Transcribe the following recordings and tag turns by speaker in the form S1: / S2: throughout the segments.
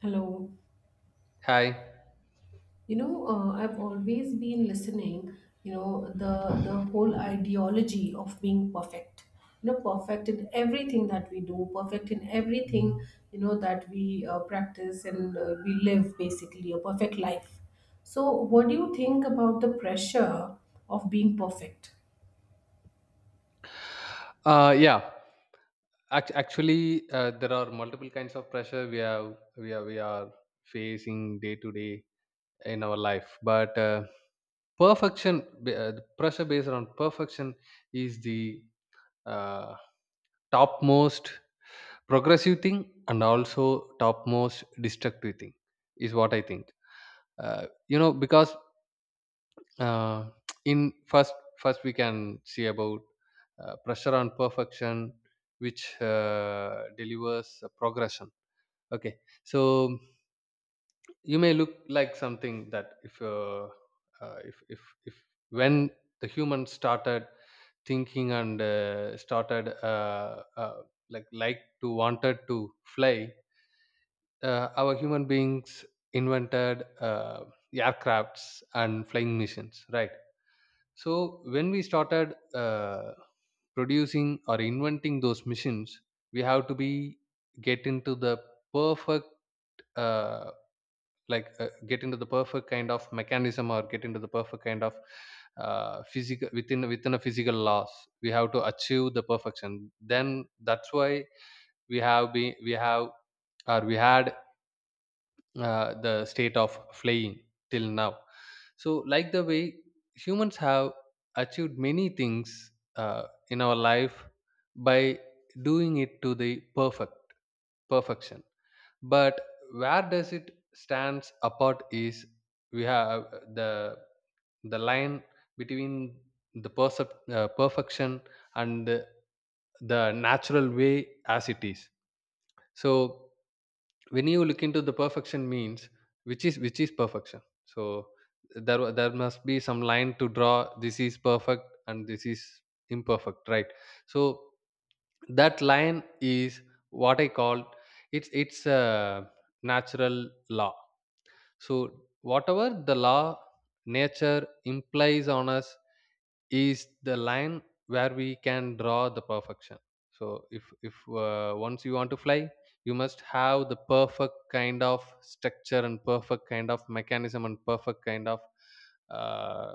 S1: Hello.
S2: Hi.
S1: I've always been listening, the whole ideology of being perfect. You know, perfect in everything that we do, perfect in everything, that we practice and we live basically a perfect life. So, what do you think about the pressure of being perfect?
S2: Yeah. Actually, there are multiple kinds of pressure we are facing day to day in our life. But perfection, the pressure based on perfection, is the uh, topmost progressive thing and also topmost destructive thing, is what I think. Because uh, in first we can see about pressure on perfection, which delivers a progression. Okay, so you may look like something that if when the human started thinking and started like to wanted to fly. Our human beings invented aircrafts and flying machines, right? So when we started producing or inventing those machines, we have to be get into the perfect, uh, get into the perfect kind of mechanism or get into the perfect kind of physical, within a physical laws. We have to achieve the perfection. Then that's why we have been we have or we had the state of flying till now. So, like the way humans have achieved many things in our life by doing it to the perfection. But where does it stands apart is we have the the line between the perfection and the natural way as it is. So when you look into the perfection means which is perfection, so there must be some line to draw, this is perfect and this is imperfect, right? So that line is what I call, it's a natural law. So, whatever the law nature implies on us is the line where we can draw the perfection. So, if once you want to fly, you must have the perfect kind of structure and perfect kind of mechanism and perfect kind of uh,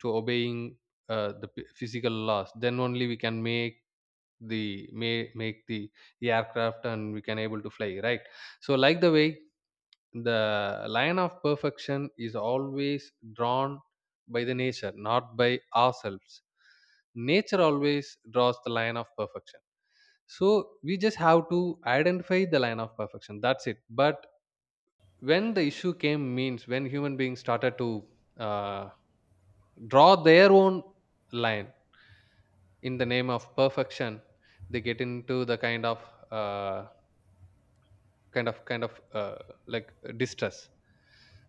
S2: to obeying the physical laws. Then only we can make the aircraft and we can able to fly, right? So like the way, the line of perfection is always drawn by the nature, not by ourselves. Nature always draws the line of perfection, so we just have to identify the line of perfection, that's it. But when the issue came means, when human beings started to uh, draw their own line in the name of perfection, they get into the kind of uh, kind of kind of uh, distress.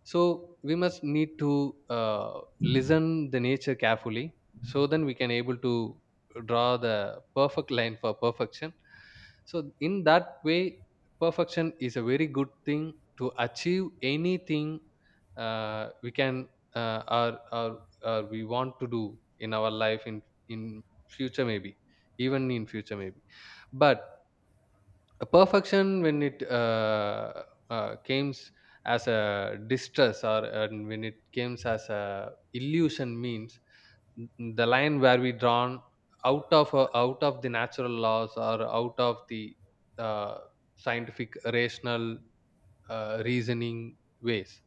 S2: So we must need to listen the nature carefully, so then we can able to draw the perfect line for perfection. So in that way, perfection is a very good thing to achieve anything we can uh, or, or or we want to do in our life, in future maybe, even in future maybe. But a perfection when it comes as a distress, or and when it comes as a illusion means, the line where we drawn out of the natural laws, or out of the uh, scientific rational reasoning ways,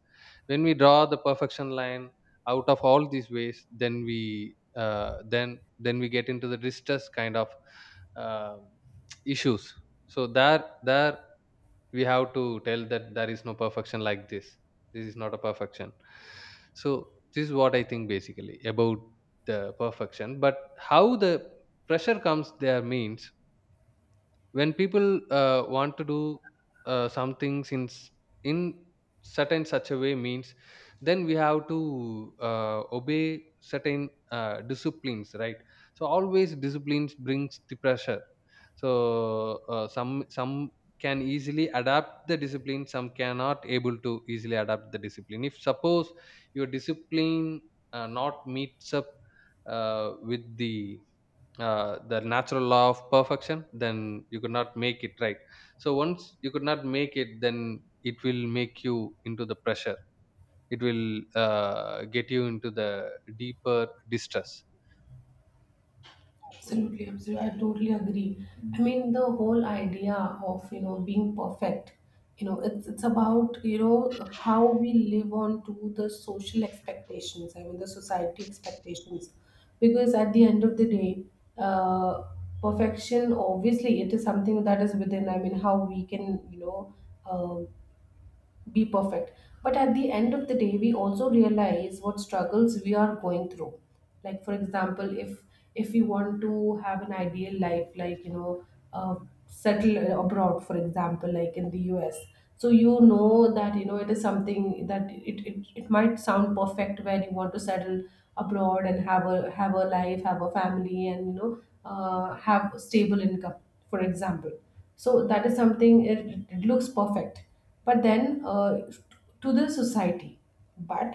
S2: when we draw the perfection line out of all these ways, then we get into the distress kind of uh, issues. So there we have to tell that there is no perfection like this. This is not a perfection. So this is what I think basically about the perfection. But how the pressure comes there means, when people want to do something since in certain such a way means, then we have to obey certain disciplines, right? So always disciplines brings the pressure. So some can easily adapt the discipline, some cannot able to easily adapt the discipline. If suppose your discipline not meets up with the natural law of perfection, then you could not make it, right? So once you could not make it, then it will make you into the pressure. It will get you into the deeper distress.
S1: Absolutely, absolutely. I totally agree. I mean, the whole idea of being perfect, it's about how we live on to the social expectations. I mean, the society expectations, because at the end of the day, uh, perfection obviously it is something that is within. I mean, how we can. Uh, be perfect. But at the end of the day, we also realize what struggles we are going through. Like for example, if we want to have an ideal life, like uh, settle abroad, for example, like in the US. So that it is something that it might sound perfect when you want to settle abroad and have a life, have a family, and have a stable income, for example. So that is something it looks perfect but then to the society but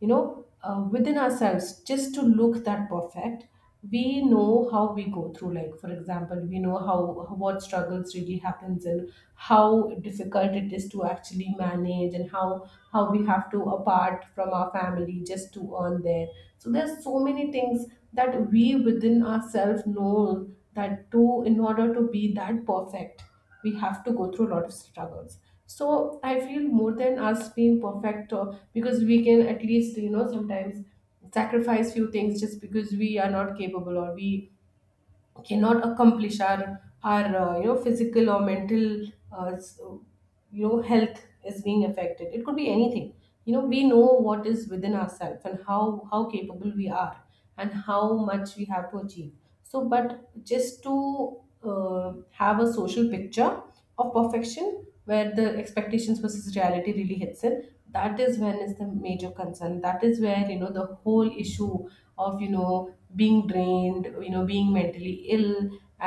S1: within ourselves just to look that perfect, we know how we go through. Like for example, we know how what struggles really happens, and how difficult it is to actually manage, and how we have to apart from our family just to earn there. So there's so many things that we within ourselves know that to in order to be that perfect, we have to go through a lot of struggles. So I feel more than us being perfect, or because we can at least sometimes sacrifice few things just because we are not capable, or we cannot accomplish our physical or mental uh, s- health is being affected, it could be anything. We know what is within ourselves and how capable we are, and how much we have to achieve. So but just to have a social picture of perfection, where the expectations versus reality really hits in, that is when is the major concern. That is where the whole issue of being drained, being mentally ill,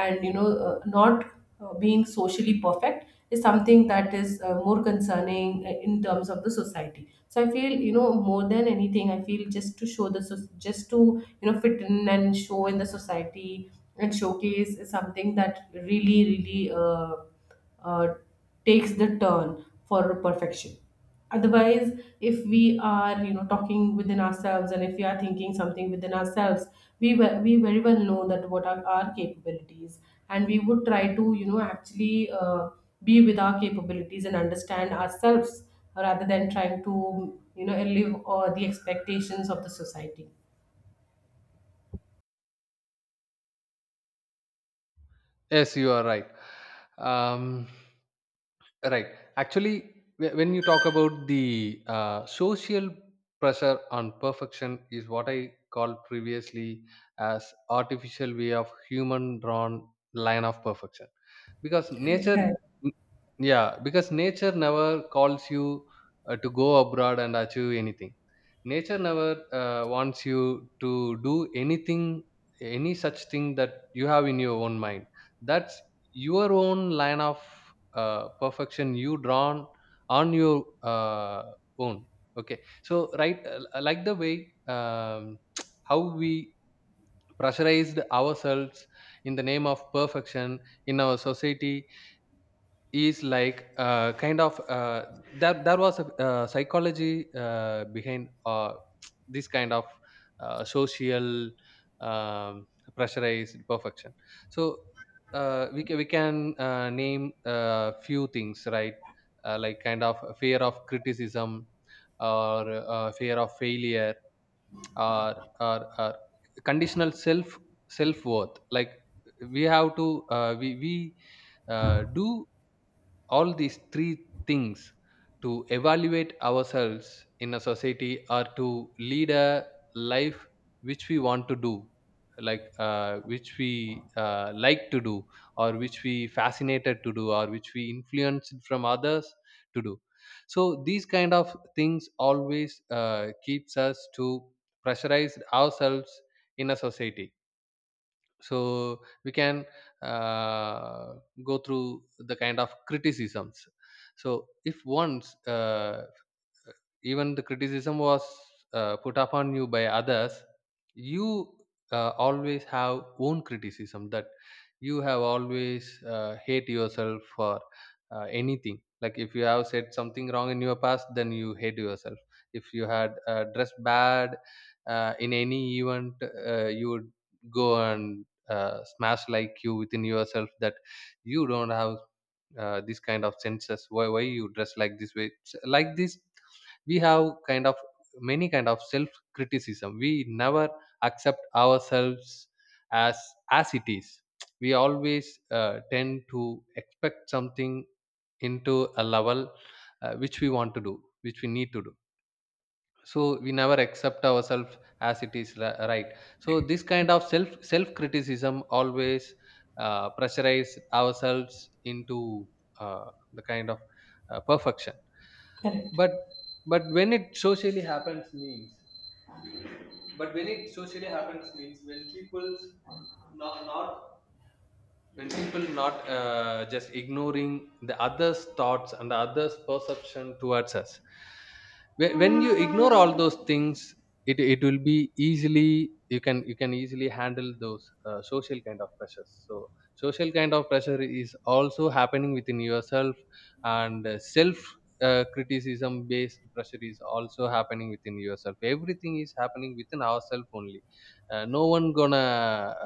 S1: and not being socially perfect is something that is more concerning in terms of the society. So I feel more than anything, I feel just to show the just to fit in and show in the society and showcase is something that really really uh, takes the turn for perfection. Otherwise, if we are talking within ourselves, and if we are thinking something within ourselves, we very well know that what are our capabilities, and we would try to actually be with our capabilities and understand ourselves, rather than trying to live the expectations of the society.
S2: Yes, you are right. um, right, actually, when you talk about the social pressure on perfection is what I called previously as artificial way of human drawn line of perfection, because
S1: Correct.
S2: nature,
S1: Correct.
S2: yeah, because nature never calls you to go abroad and achieve anything. Nature never wants you to do anything, any such thing that you have in your own mind, that's your own line of perfection you drawn on your uh, own. Okay, so right, like the way, um, how we pressurized ourselves in the name of perfection in our society is like that there was a psychology behind this kind of social um, pressurized perfection. So we can name few things, right? Like kind of fear of criticism, or fear of failure, or conditional self worth, like we have to we do all these three things to evaluate ourselves in a society, or to lead a life which we want to do, like which we like to do, or which we fascinated to do, or which we influenced from others to do. So these kind of things always keeps us to pressurize ourselves in a society. So we can uh, go through the kind of criticisms. So if once, even the criticism was put upon you by others, you always have own criticism, that you have always hate yourself for anything. Like if you have said something wrong in your past, then you hate yourself. If you had dressed bad in any event, you would go and smash like you within yourself, that you don't have this kind of senses, why you dress like this way, like this. We have kind of many kind of self criticism, we never accept ourselves as as it is. We always tend to expect something into a level which we want to do, which we need to do. So we never accept ourselves as it is, right? So this kind of self criticism always pressurize ourselves into uh, the kind of perfection.
S1: Correct.
S2: But but when it socially happens means, when people's not not when people not just ignoring the others thoughts and the others perception towards us. When you ignore all those things, it will be easily you can easily handle those social kind of pressures. So social kind of pressure is also happening within yourself, and self criticism based pressure is also happening within yourself. Everything is happening within ourselves only. No one gonna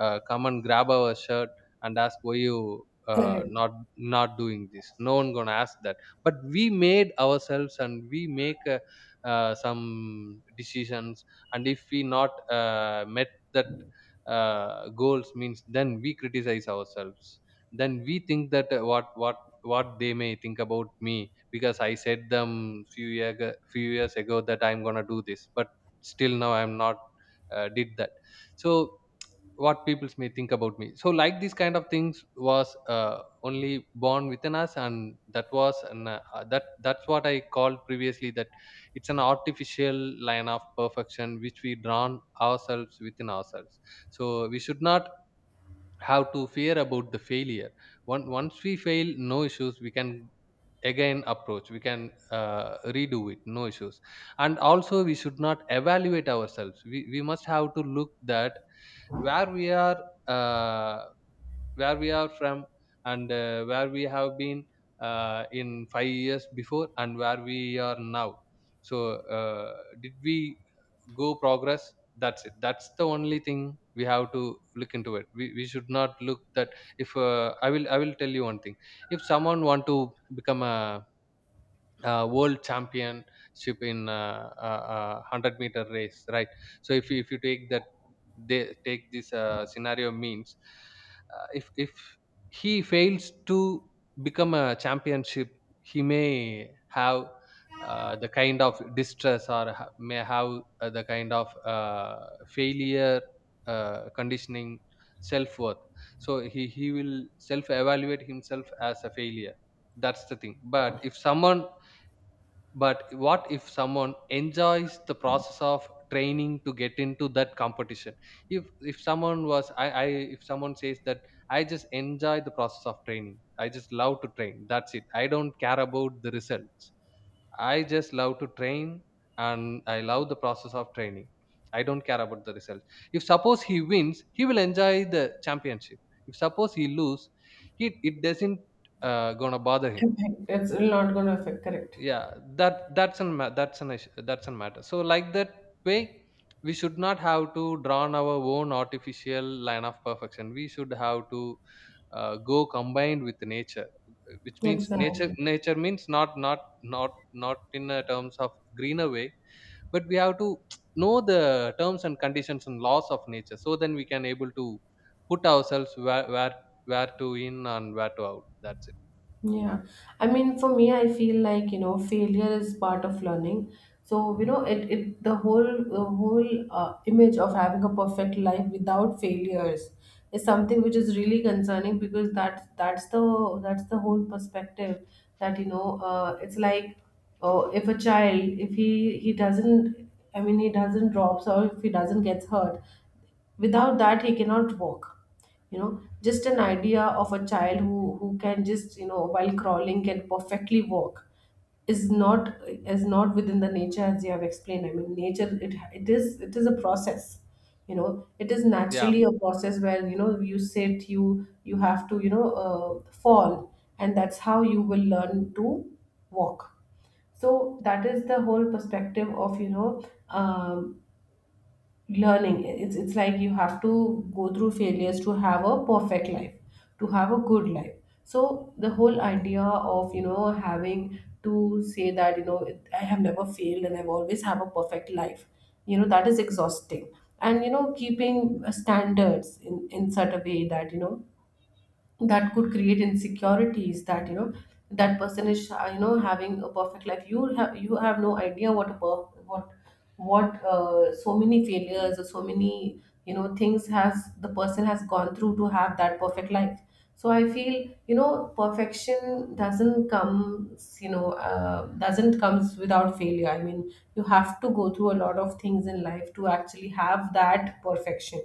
S2: come and grab our shirt and ask why you uh,
S1: Correct.
S2: not not doing this. No one gonna ask that. But we made ourselves and we make a some decisions, and if we not met that goals means, then we criticize ourselves. Then we think that what they may think about me, because I said them few years ago that I'm going to do this, but still now I'm not did that. So what people may think about me. So like these kind of things was only born within us, and that's what I called previously, that it's an artificial line of perfection which we drawn ourselves within ourselves. So we should not have to fear about the failure. Once we fail, no issues, we can again approach, we can redo it, no issues. And also we should not evaluate ourselves, we must have to look that where we are, uh, where we are from, and where we have been in 5 years before, and where we are now. So did we go progress, that's it. That's the only thing we have to look into it, we should not look that. If I will tell you one thing. If someone want to become a world championship in 100-meter race, right? So if you take that, they take this scenario means, if he fails to become a championship, he may have the kind of distress, may have the kind of failure conditioning self-worth. So he will self-evaluate himself as a failure, that's the thing. But what if someone enjoys the process of training to get into that competition? If someone was I if someone says that I just enjoy the process of training. I just love to train. That's it. I don't care about the results. I just love to train and I love the process of training. I don't care about the results. If suppose he wins, he will enjoy the championship. If suppose he lose, he it doesn't gonna bother him.
S1: Correct. It's not going to affect. Correct.
S2: Yeah, that's an issue, that's an matter. So like that way, we should not have to drawn our own artificial line of perfection. We should have to go combined with nature, which means, nature
S1: Exactly.
S2: nature means not in terms of greener way, but we have to know the terms and conditions and laws of nature, so then we can able to put ourselves where to in and where to out, that's it.
S1: Yeah, I mean, for me, I feel like failure is part of learning. So it the whole image of having a perfect life without failures is something which is really concerning, because that's the whole perspective that it's like, oh, if a child, if he doesn't, I mean, he doesn't drops, or if he doesn't gets hurt, without that he cannot walk. Just an idea of a child who can just while crawling can perfectly walk is not within the nature as you have explained. I mean, nature, it is a process. you know it is naturally
S2: Yeah.
S1: a process where you have to fall, and that's how you will learn to walk. So that is the whole perspective of um, learning. It's like you have to go through failures to have a perfect life, to have a good life. So the whole idea of having to say that I have never failed, and I've always have a perfect life, that is exhausting. And keeping standards in such a way that that could create insecurities, that that person is having a perfect life. You have, you have no idea what a what so many failures or so many things has the person has gone through to have that perfect life. So I feel perfection doesn't comes, doesn't comes without failure. I mean, you have to go through a lot of things in life to actually have that perfection.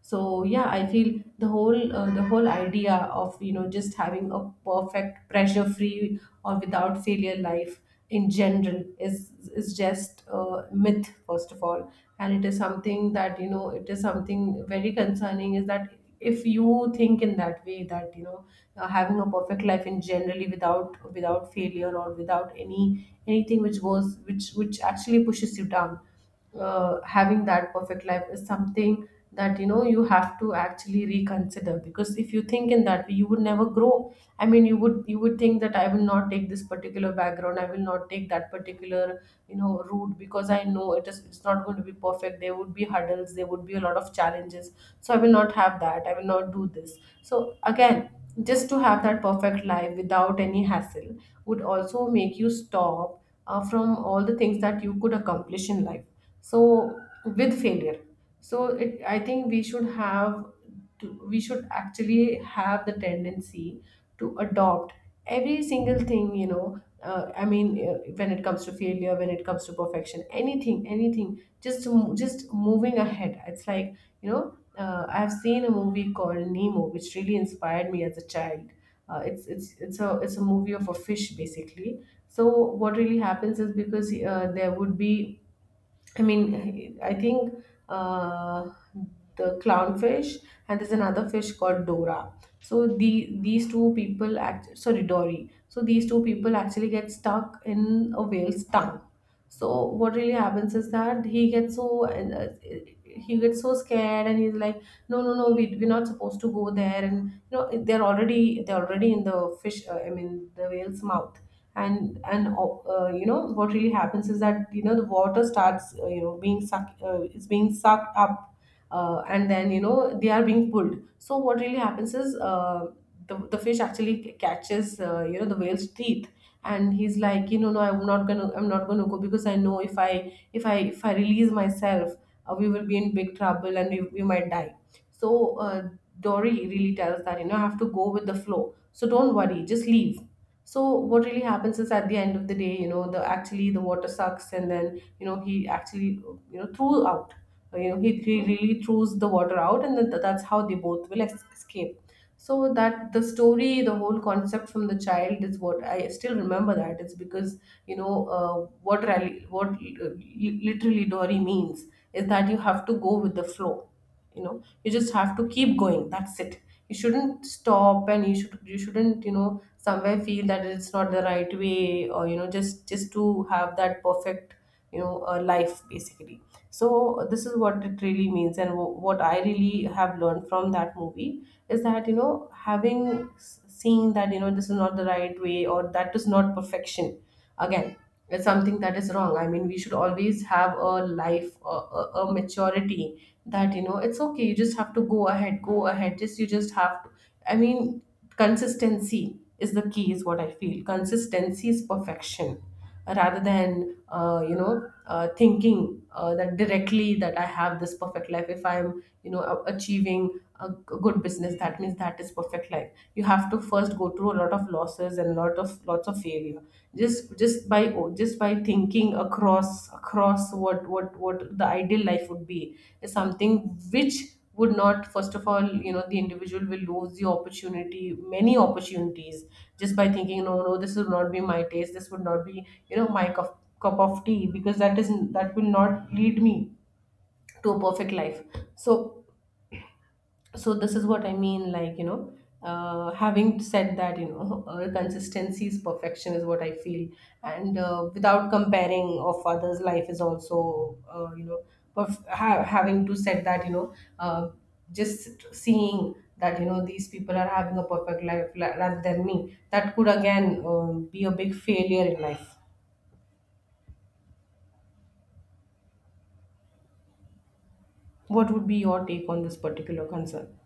S1: So yeah, I feel the whole idea of just having a perfect pressure free or without failure life in general is just a myth, first of all. And it is something that it is something very concerning, is that if you think in that way, that having a perfect life in generally without failure, or without any anything which goes, which actually pushes you down, having that perfect life is something that you have to actually reconsider. Because if you think in that way, you would never grow. I mean, you would think that I will not take this particular background, I will not take that particular, route. Because I know it is, it's not going to be perfect. There would be hurdles, there would be a lot of challenges. So I will not have that, I will not do this. So again, just to have that perfect life without any hassle, would also make you stop from all the things that you could accomplish in life, so with failure. So it, I think we should have to, we should actually have the tendency to adopt every single thing. I mean, when it comes to failure, when it comes to perfection, anything anything, just to just moving ahead. It's like, I have seen a movie called Nemo which really inspired me as a child. It's a movie of a fish, basically. So what really happens is, because there would be, I mean, I think uh, the clownfish and there's another fish called Dora. So these two people, act, sorry, Dory. So these two people actually get stuck in a whale's tongue. So what really happens is that he gets so and he gets so scared, and he's like, no, no, no, we we're not supposed to go there. And they're already in the fish, I mean the whale's mouth. And what really happens is that the water starts being sucked, it's being sucked up, and then they are being pulled. So what really happens is, the fish actually catches the whale's teeth, and he's like, no, I'm not gonna go, because I know if I release myself, we will be in big trouble, and we might die. So Dory really tells that, I have to go with the flow, so don't worry, just leave. So what really happens is, at the end of the day, the actually the water sucks, and then he actually, threw out, he really throws the water out, and then that's how they both will escape. So that the story, the whole concept from the child, is what I still remember, that it's because, you know what rally, what li- literally Dory means is that you have to go with the flow. You just have to keep going, that's it. You shouldn't stop, and you shouldn't somewhere feel that it's not the right way, or just to have that perfect, life, basically. So this is what it really means, and what I really have learned from that movie is that, having seen that, this is not the right way, or that is not perfection. Again, it's something that is wrong. I mean, we should always have a life a maturity that, it's okay, you just have to go ahead, just you just have to, I mean, consistency is the key, is what I feel. Consistency is perfection, rather than you know thinking that directly that I have this perfect life. If I'm achieving a good business, that means that is perfect life. You have to first go through a lot of losses and lot of lots of failure. Just by thinking across what the ideal life would be, is something which would not, first of all, the individual will lose the opportunity, many opportunities, just by thinking, no, no, this would not be my taste, this would not be, my cup of tea, because that is, that will not lead me to a perfect life. So, so this is what I mean. Like, having said that, consistency is perfection, is what I feel. And without comparing of others life is also, having to said that, uh, just seeing that, these people are having a perfect life rather than me, that could again be a big failure in life. What would be your take on this particular concern?